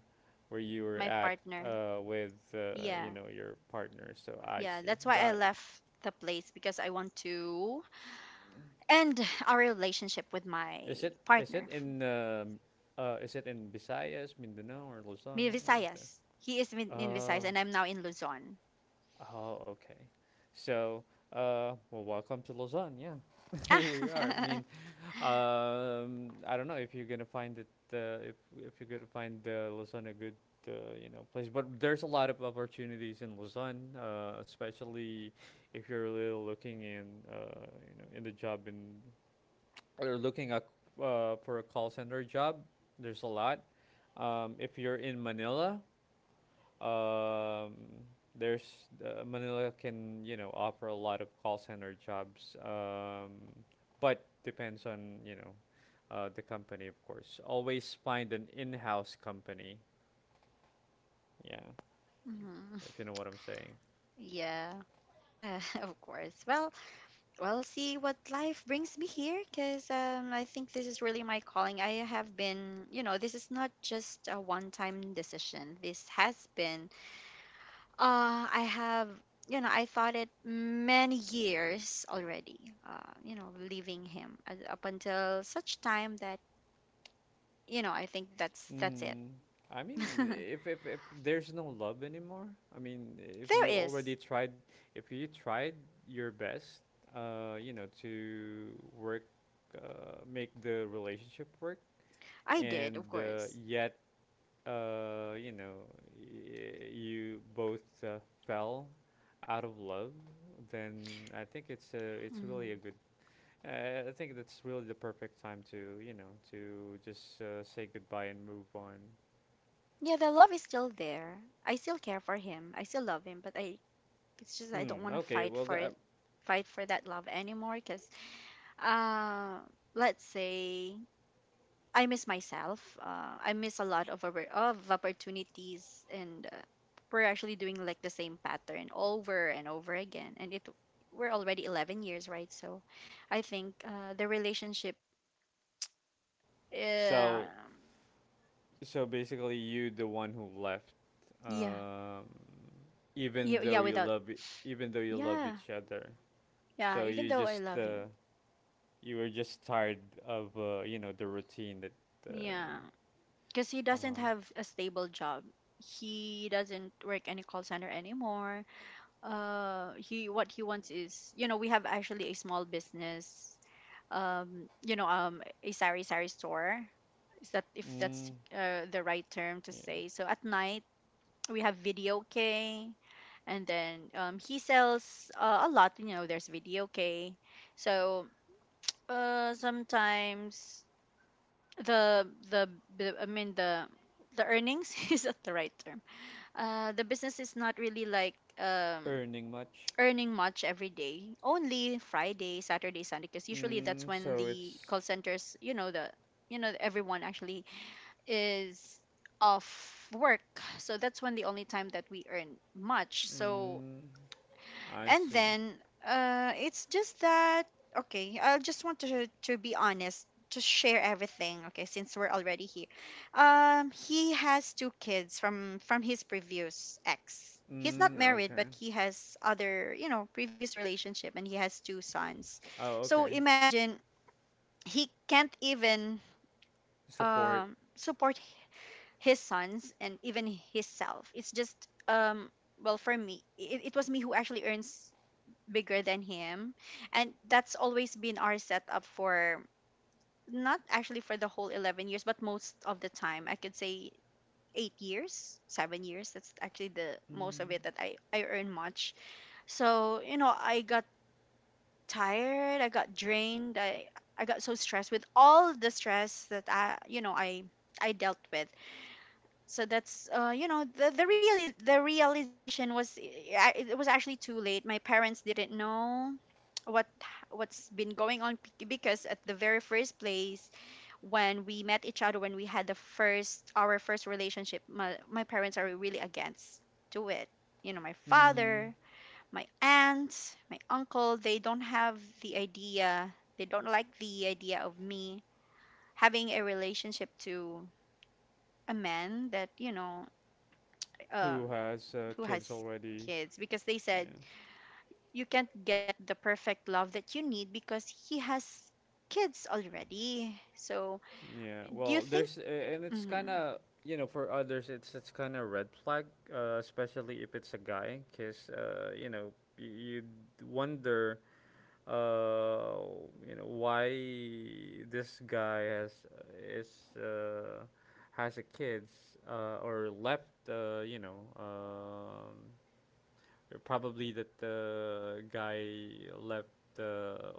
where you were
my
at,
partner,
with, you
Yeah,
know, your partner. So I
Yeah,
see.
that's why I
Got it.
left the place because I want to end our relationship with
Is
my
it,
partner, f-
is it in Visayas, Mindanao or Luzon? Where's that?
Visayas. He is in Visayas,
Uh
and I'm now in Luzon.
oh, okay. So, well, welcome to Luzon, yeah. Here you are. I mean, um, I don't know if you're gonna find it, if you're gonna find, Luzon a good, uh, you know, place, but there's a lot of opportunities in Luzon, especially if you're really looking in, uh, you know, in the job in or looking at, for a call center job. There's a lot. If you're in Manila, um, there's, Manila can, you know, offer a lot of call center jobs, but depends on, you know, the company, of course. Always find an in-house company. Yeah,
Mhm.
if you know what I'm saying.
Yeah, of course. Well, we'll see what life brings me here, because I think this is really my calling. I have been, you know, this is not just a one time decision, this has been Uh, I have, I thought it many years already, leaving him up until such time that, I think that's it.
Mm, I mean, if, if there's no love anymore, I mean, if
There
you already
is.
tried, if you tried your best, you know, to work, make the relationship work,
I did,
and
of course.
yet, you know, you both, fell out of love, then I think it's a, it's really
Mhm.
a good. I think that's really the perfect time to, you know, to just, say goodbye and move on.
Yeah, the love is still there. I still care for him. I still love him, but I it's just I don't
Hmm.
want to
Okay.
fight for it, fight for that love anymore because uh let's say I miss myself. I miss a lot of opportunities, and we're actually doing like the same pattern over and over again. And it we're already 11 years, right? So, I think the relationship, uh,
So, so basically, you the one who left,
yeah,
um,
yeah,
even
yeah,
though you
without
love e- even though you love
yeah,
each other.
yeah.
So
Even
you
though I
just,
love him,
you were just tired of, you know, the routine that,
yeah,
uh,
because he doesn't
uh
have a stable job. He doesn't work any call center anymore. He, what he wants is, we have actually a small business, a sari sari store, is that, if that's
mm,
the right term to
yeah,
say. So at night we have video k, and then he sells a lot, there's video k. So sometimes the the the- i mean the the earnings is not the right term. The business is not really like
earning much.
earning much every day. Only Friday, Saturday, Sunday, because usually that's
Mm,
when
so
the
it's,
call centers, you know, the you know everyone actually is off work. So that's when the only time that we earn much. So
mm, I
and
see.
then it's just that, okay, I just want to be honest, to share everything. Okay, since we're already here, he has two kids from his previous ex. He's not
Mm,
married, but
okay.
he has other, previous relationship, and he has two sons.
Oh,
So
okay.
imagine, he can't even
Support.
support his sons and even himself. It's just, um well, for me, it was me who actually earns bigger than him, and that's always been our setup, for not actually for the whole 11 years, but most of the time, I could say 8 years, 7 years, that's actually the most of
Mm.
it, that I earn much. So, I got tired, I got drained, I got so stressed with all the stress that I dealt with. So that's the realization was, it was actually too late. My parents didn't know what what's been going on, because at the very first place when we met each other, when we had the first our first relationship, my parents are really against to it. My
Mm.
father, my aunt, my uncle, they don't have the idea, they don't like the idea of me having a relationship to a man that, um,
Who has,
who
kids
has
already.
kids, because they
Yeah.
said you can't get the perfect love that you need because he has kids already. So,
Yeah,
do you
well,
think?
there's a— and it's kind
Hmm.
of, you know, for others it's kind of red flag, especially if it's a guy, because, you know, y- you'd wonder, uh you know, why this guy is uh has a kids, or left, you know, probably that the guy left, uh,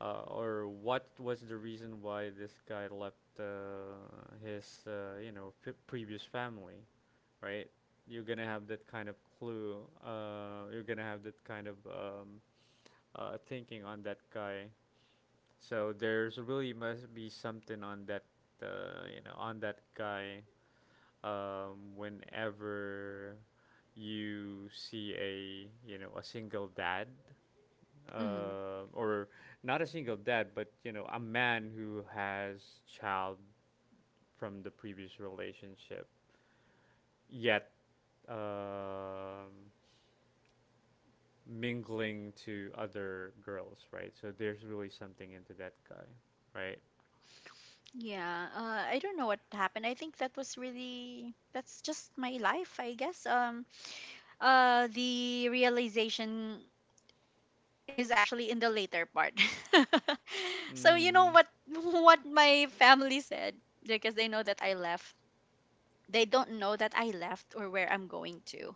uh or what was the reason why this guy left, his, you know, previous family, right? You're gonna have that kind of clue, you're gonna have that kind of, thinking on that guy. So there's really must be something on that, you know, on that guy. Whenever you see a, you know, a single dad,
Hmm.
or not a single dad, but, you know, a man who has child from the previous relationship, yet, um, mingling to other girls, right? So there's really something into that guy, right?
Yeah, I don't know what happened. I think that was really, that's just my life, I guess. The realization is actually in the later part. So, you know
Mm.
what, what my family said, because they know that I left. They don't know that I left or where I'm going to.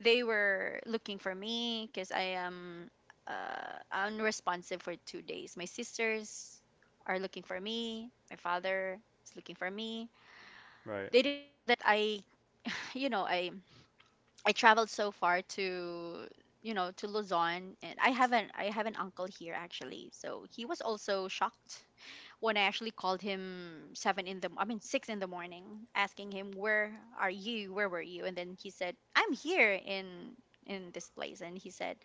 They were looking for me because I am unresponsive for 2 days. My sisters are looking for me. My father is looking for me.
Right.
They didn't know that I, you know, I traveled so far to, to Luzon, and I have an uncle here actually. So he was also shocked when I actually called him, seven in the I mean 6 in the morning, asking him, where are you, where were you, and then he said, I'm here in this place. And he said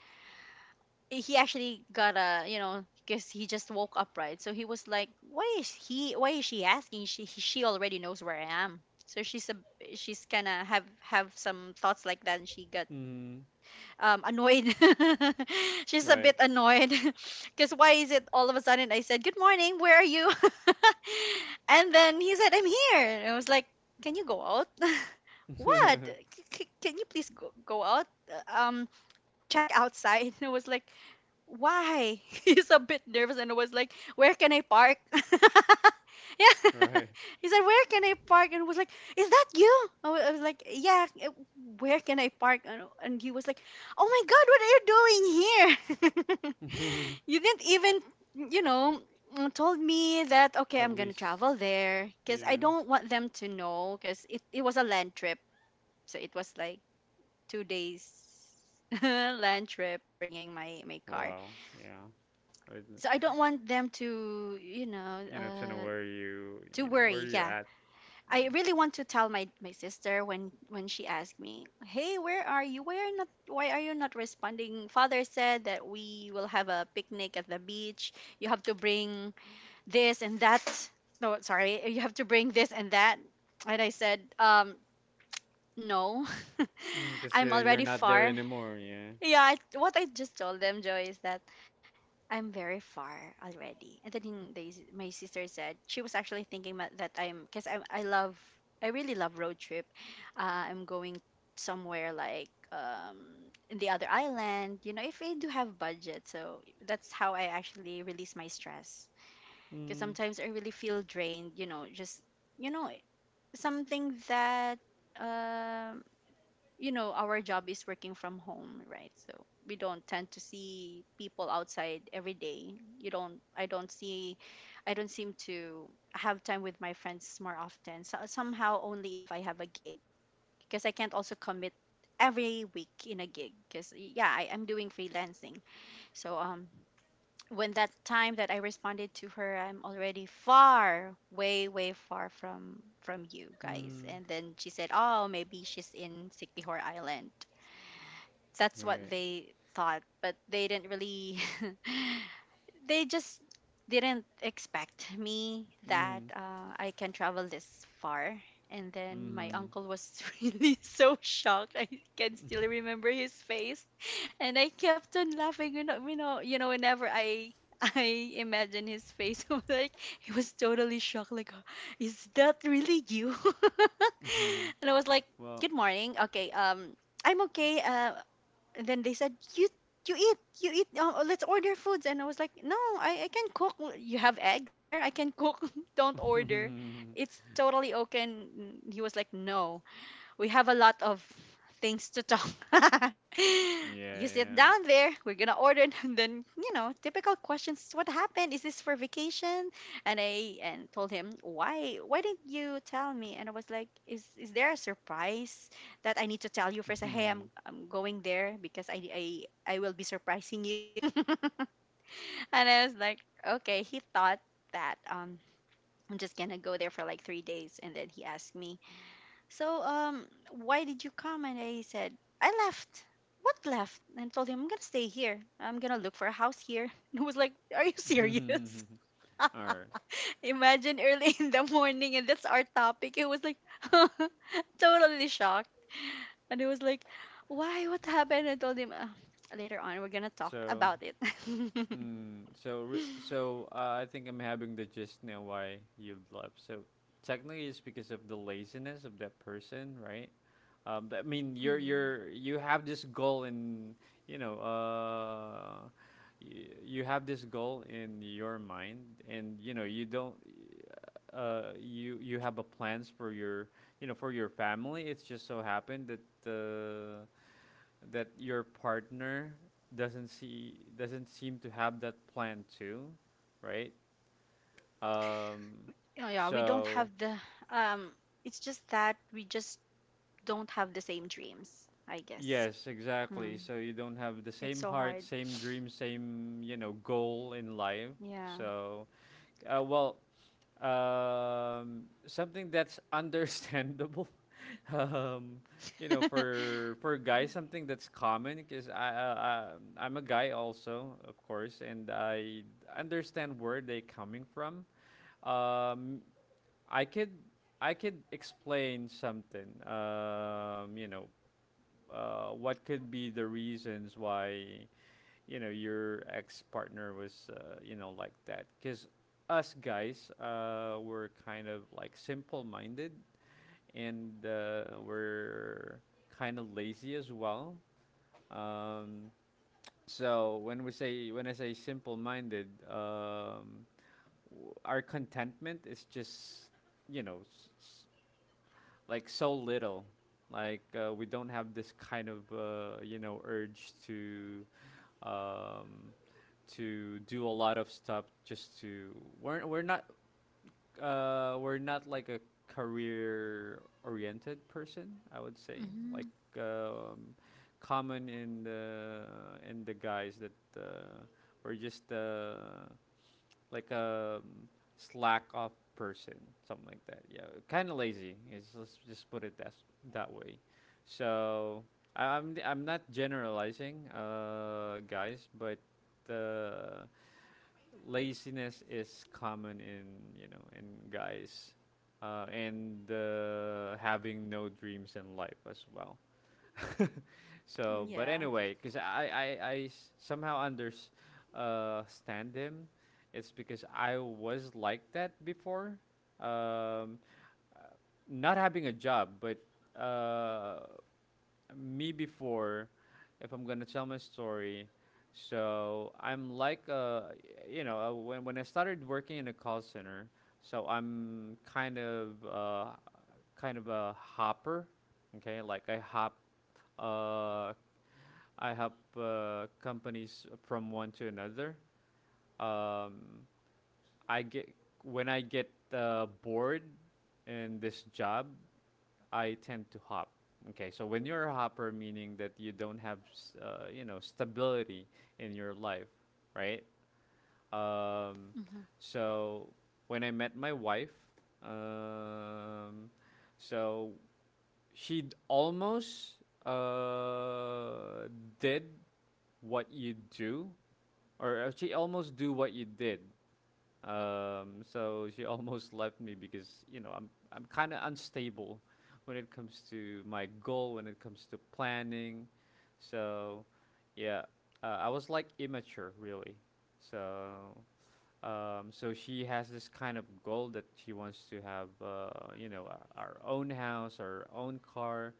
he actually got a, you know, because he just woke up, right? So he was like, why is he, why is she asking? She already knows where I am. So she's kind of have some thoughts like that, and she got
Mm.
annoyed. She's a
Right,
bit annoyed because, why is it all of a sudden I said, good morning, where are you? And then he said, I'm here. And I was like, can you go out? what can you please go out. Check outside. And I was like, why? He's a bit nervous and was like, where can I park? Yeah.
right.
He said, where can I park? And was like, is that you? I was like, yeah, eh, where can I park? And he was like, oh my God, what are you doing here? You didn't even, you know, told me that, okay,
At
I'm going to
least,
travel there, because I
yeah.
don't want them to know because it was a land trip. So it was like 2 days land trip, bringing my car.
Wow, yeah. I,
So I don't want them to,
you know, to know where you,
to
you know, where
worry.
you
Yeah,
at, yeah.
I really want to tell my sister, when she asked me, "Hey, where are you? Why are not? Why are you not responding? Father said that we will have a picnic at the beach. You have to bring this and that. No, sorry, you have to bring this and that." And I said, no,
Because,
I'm
you're
already
not there
far.
anymore, yeah.
Yeah, I, what I just told them, Joy, is that I'm very far already. And then they, my sister said she was actually thinking, that I'm, because I really love road trip. I'm going somewhere, like in the other island. You know, if I do have budget, so that's how I actually release my stress. Because
Mm.
sometimes I really feel drained. You know, just, you know, something that, um you know, our job is working from home, right? So we don't tend to see people outside every day. You don't i don't see i don't seem to have time with my friends more often, so somehow, only if I have a gig, because I can't also commit every week in a gig, because yeah, I'm doing freelancing. So when that time that I responded to her, I'm already far, way way far from you guys.
Mm.
And then she said, oh maybe she's in sick island. That's what
Right.
they thought, but they didn't really they just didn't expect me that
Mm.
I can travel this far. And then my
Mm.
uncle was really so shocked. I can still remember his face, and I kept on laughing, whenever I I imagine his face. I'm like, he was totally shocked. Like, "Huh, is that really you?
Mm.
And I was like,
Well,
good morning. Okay. I'm okay. And then they said, You eat, you eat. Let's order foods." And I was like, "No, I can cook. L- You have eggs there. I can cook. Don't order. It's totally okay." And he was like, "No. We have a lot of things to talk.
yeah,
You sit
yeah.
down there, we're gonna order." And then, you know, typical questions. What happened? Is this for vacation? And I, and told him, why? Why didn't you tell me? And I was like, is there a surprise that I need to tell you first? Hey, I'm I'm going there because I will be surprising you. And I was like, okay. He thought that I'm just gonna go there for like 3 days, and then he asked me, so, why did you come? And I said, I left. What left? And I told him, I'm gonna stay here. I'm gonna look for a house here. And he was like, are you serious?
All right.
Imagine, early in the morning and that's our topic. It was like totally shocked. And he was like, why? What happened? I told him, later on, we're gonna talk
So,
about it.
mm, so so, I think I'm having the gist now why you left. So technically, it's because of the laziness of that person, right? I mean,
Mm.
you're you have this goal in, you know, you have this goal in your mind, and you know you don't, you you have a plans for your, you know, for your family. It's just so happened that, that your partner doesn't seem to have that plan too, right? Um,
Yeah, yeah, we don't
so
have the um it's just that we just don't have the same dreams, I guess.
yes, exactly.
Mm.
So you don't have the
It's
same
so
heart,
hard.
same dream, same, you know, goal in life.
Yeah.
So, well, something that's understandable um, you know, for guys, something that's common because I, I'm a guy also, of course, and I understand where they coming from. Um, i could I could explain something, um, you know, what could be the reasons why, you know, your ex partner was, you know, like that, because us guys, were kind of like simple minded, and, we're kind of lazy as well. Um, so when we say, when I say simple-minded, our contentment is just, you know, like so little. Like, we don't have this kind of, you know, urge to, um, to do a lot of stuff just to, we're we're not we're not like a career-oriented person. I would say, like,
Hmm.
um, common in the guys that, uh, we just, like a, slack off person, something like that. Yeah, kind of lazy. Is, let's just put it that, that way. So I, I'm not generalizing, guys, but, uh, laziness is common in, you know, in guys, and, having no dreams in life as well. So, but
Yeah.
anyway, because somehow unders stand him, it's because I was like that before. Um, uh, not having a job, but, uh, me before, if I'm gonna tell my story, so I'm like, when I started working in a call center, so I'm kind of, kind of a hopper. Okay, like I hop, uh I hop, companies from one to another. Um, I get, when I get, bored in this job, I tend to hop. Okay, so when you're a hopper, meaning that you don't have, you know, stability in your life, right? Um,
Hmm.
so when I met my wife, um, so she almost, did what you do, or, she almost do what you did, so she almost left me because, you know, I'm kind of unstable when it comes to my goal, when it comes to planning. So yeah, I was like immature really. So, so she has this kind of goal that she wants to have, you know, our own house, our own car,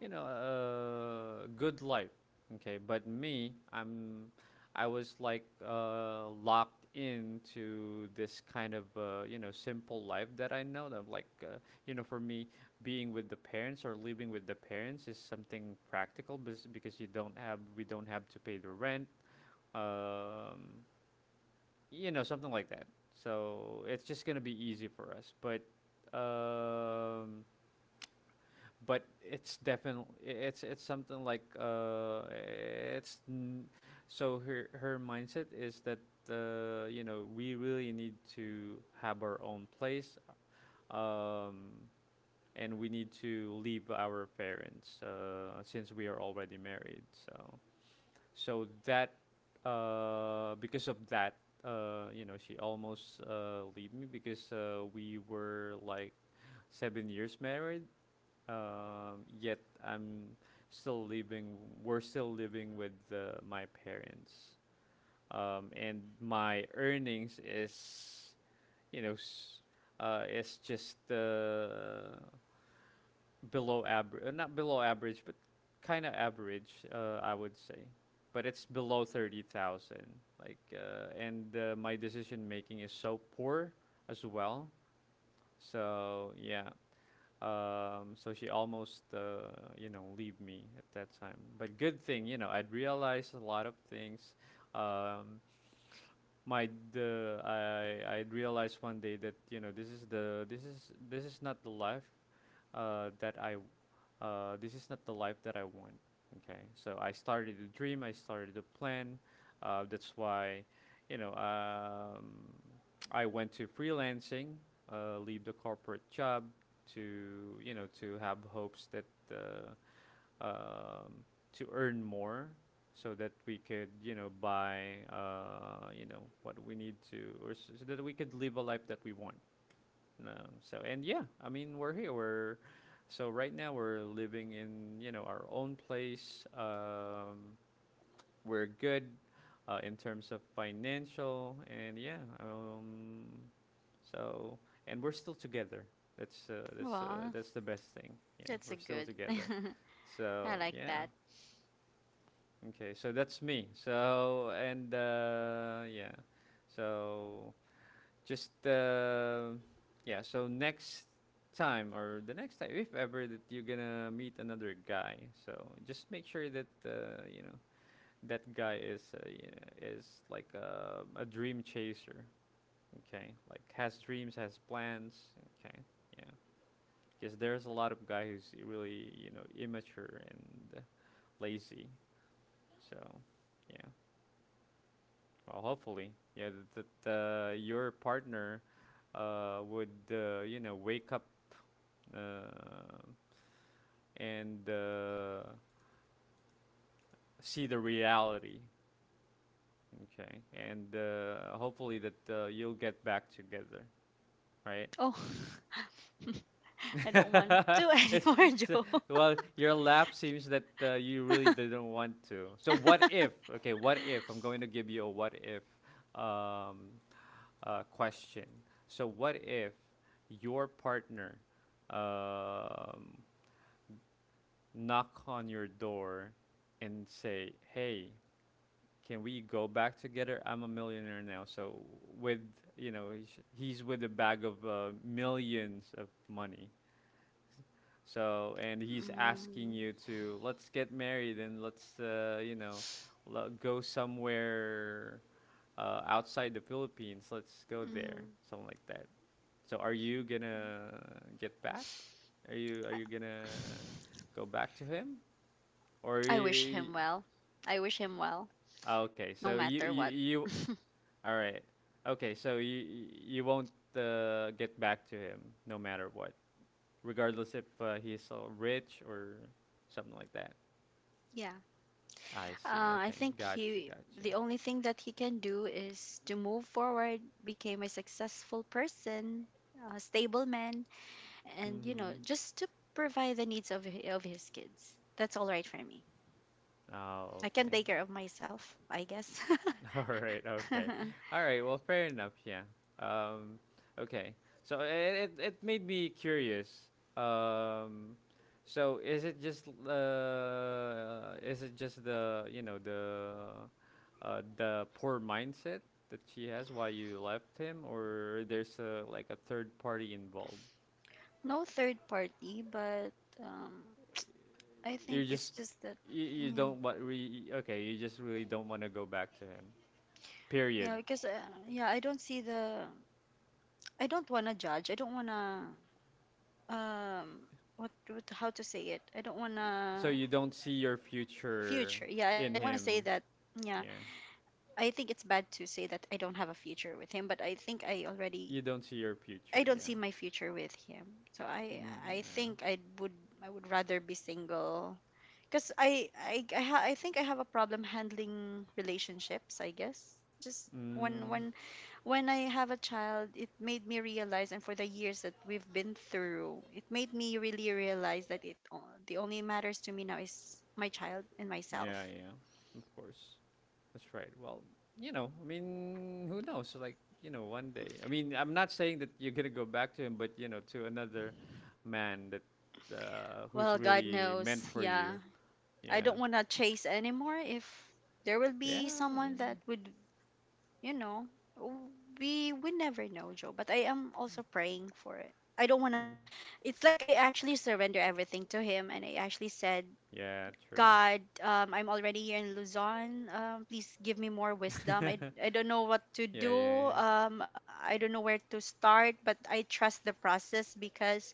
you know, a good life. Okay, but me, I was like, locked into this kind of, you know, simple life that I know that, like, you know, for me, being with the parents or living with the parents is something practical because you don't have, we don't have to pay the rent. Um, you know something like that, so it's just gonna be easy for us, um but it's definitely it's something like so her mindset is that you know, we really need to have our own place. um and we need to leave our parents, since we are already married. So so that, because of that, you know, she almost leave me, because we were like 7 years married. Yet I'm still living. We're still living with my parents, and my earnings is, you know, s- it's just below average, not below average, but kind of average, I would say. But it's below 30,000. Like, and my decision making is so poor as well. So yeah. So she almost, you know, leave me at that time. But good thing, you know, I'd realized a lot of things. Um, my the I realized one day that, you know, this is the this is not the life that I this is not the life that I want. Okay, so I started to dream, I started to plan. That's why, you know, I went to freelancing, leave the corporate job to, you know, to have hopes that uh, um, to earn more, so that we could, you know, buy, you know, what we need to, or s- so that we could live a life that we want. No. So, and yeah, I mean, we're here. We're so Right now we're living in, you know, our own place. We're good in terms of financial and yeah. So and we're still together.
Well,
That's the best thing. Yeah,
that's
we're
a
still
good.
together.
I
So
like
yeah.
that.
Okay. So that's me. So and Yeah. So just yeah. So next time, or the next time, if ever that you're gonna meet another guy, so just make sure that, you know, that guy is, you know, is like a dream chaser. Okay, like has dreams, has plans. Okay, yeah. Because there's a lot of guys who's really, you know, immature and lazy. So yeah. Well, hopefully, yeah, that your partner would, you know, wake up uh, and see the reality. Okay, and hopefully that you'll get back together, right?
Oh, I don't want to
It's,
anymore,
so-
Joe.
well, your lap seems that you really didn't want to. So what if? Okay, what if? I'm going to give you a what if um, question. So what if your partner, um, knock on your door and say, "Hey, can we go back together? I'm a millionaire now." So, with, you know, he's with a bag of millions of money. So, and he's asking
Mm.
you to, let's get married and let's, you know, go somewhere outside the Philippines. Let's go there,
Mm.
something like that. So are you gonna get back? Are you gonna go back to him, or?
I wish him well. I wish him well,
Okay,
no
so you
matter what.
you you All right. Okay, so you won't get back to him, no matter what, regardless if he's rich or something like that.
Yeah.
I see.
I
Okay,
think
gotcha,
he.
gotcha.
The only thing that he can do is to move forward, become a successful person, a stable man, and, you
Mm-hmm.
know, just to provide the needs of of his kids. That's all right for me,
Oh,
I can
okay.
take care of myself, I guess.
All right, okay. All right, well, fair enough, yeah. Um, okay. So it made me curious. Um, so is it just the, you know, the poor mindset that she has, why you left him, or there's a, like, a third party involved?
No third party, but um I
You
think it's
just,
just that,
you
yeah.
don't want re okay, you just really don't want to go back to him.
Yeah,
Period.
because yeah, I don't see the, I don't want to judge, I don't want to, um what, how to say it, I don't want
So
to
you don't see your future
future. Yeah, I don't
in
want to say
him.
that. Yeah,
Yeah.
I think it's bad to say that I don't have a future with him, but I think I already,
You don't see your
I
future.
don't
Yeah.
see my future with him. So I
Mm,
think I would rather be single, because I think I have a problem handling relationships, I guess. It's just
yeah.
when,
Mm,
when I have a child, it made me realize, and for the years that we've been through, it made me really realize that the only matters to me now is my child and
yeah,
myself.
yeah. Of course. That's right. Well, you know, I mean, who knows? Like, you know, one day. I mean, I'm not saying that you're going to go back to him, but, you know, to another man that,
Well,
who's
God
really
knows,
meant for you.
yeah, I
Yeah.
don't want to chase anymore. If there will
Yeah,
be
I
someone that
mean,
would, you know, w- we never know, Joe, but I am also praying for it. I don't want to,
mm,
it's like I actually surrender everything to him, and I actually said,
yeah, true.
God, I'm already here in Luzon, please give me more wisdom. I, I don't know what to
Yeah,
do,
yeah, yeah.
I don't know where to start, but I trust the process, because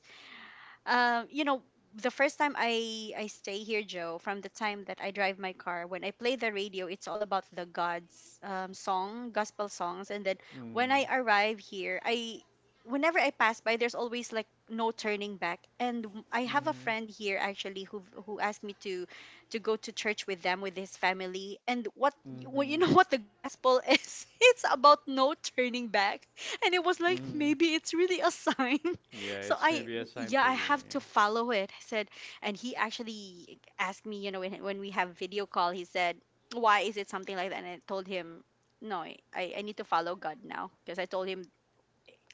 um, you know, the first time I stay here, Joe, from the time that I drive my car, when I play the radio, it's all about the God's, song, gospel songs. And then when
Mm.
I arrive here, I whenever I pass by, there's always like, no turning back. And I have a
Mhm.
friend here actually, who asked me to go to church with them, with his family. And what, well, you
Mhm.
know what the gospel is? It's about no turning back. And it was like,
Mm,
maybe it's really a sign.
yeah,
So
it's
I,
maybe a sign
yeah,
for
I
you.
have to
Yeah.
follow it. I said, and he actually asked me, you know, when, we have video call, he said, "Why is it something like that?" And I told him, "No, I need to follow God now." Because I told him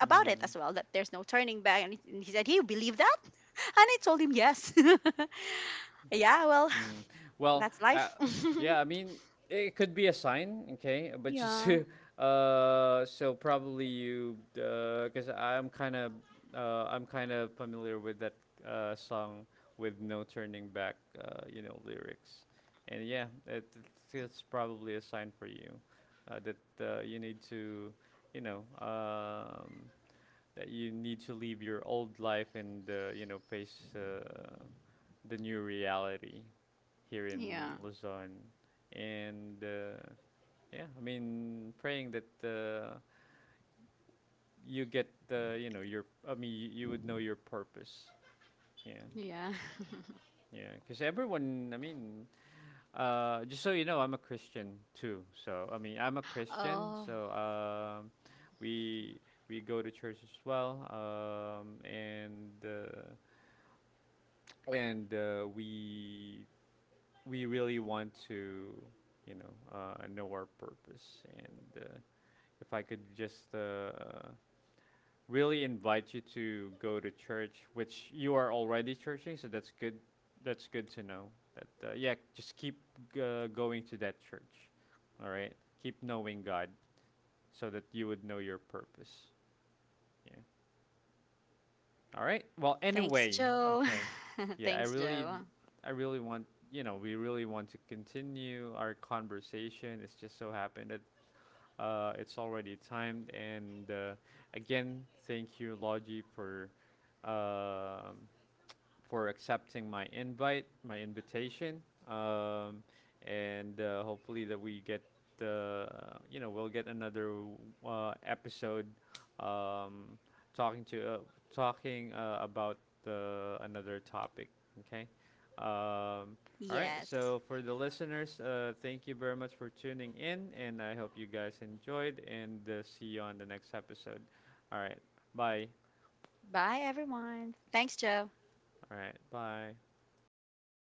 about it
Mm,
as well, that there's no turning back. And he said, "He believe that?" And I told him, "Yes." Yeah, well,
mm. Well,
that's life.
yeah, I mean, it could be a sign, okay, but just
Yeah.
to, so probably you, because I'm kind of familiar with that song, with no turning back, you know, lyrics, and yeah, it's probably a sign for you, that you need to, you know, that you need to leave your old life and, you know, face the new reality here in
Yeah.
Luzon, and yeah, I mean, praying that you get, you know your I mean, you would know your purpose. Yeah,
Yeah.
yeah, because everyone, I mean, just so you know, I'm a Christian too. So I mean, I'm a Christian,
Oh,
so we we go to church as well, and. And we really want to, you know, know our purpose, and if I could just, really invite you to go to church, which you are already churching, so that's good, that's good to know, that yeah, just keep going to that church. All right, keep knowing God, so that you would know your purpose. Yeah. All right. Well,
thanks,
anyway,
Joe.
okay. Yeah,
Thanks, Joe.
I really want, you know, we really want to continue our conversation. It's just so happened that it's already timed. And again, thank you, Logi, um for accepting my invite, my invitation, um, and hopefully that we get, uh, you know, we'll get another episode, um, talking to talking about another topic. Okay. Um, all right.
Yes.
So for the listeners, thank you very much for tuning in, and I hope you guys enjoyed, and see you on the next episode. All right. Bye.
Bye, everyone. Thanks, Joe.
All right. Bye.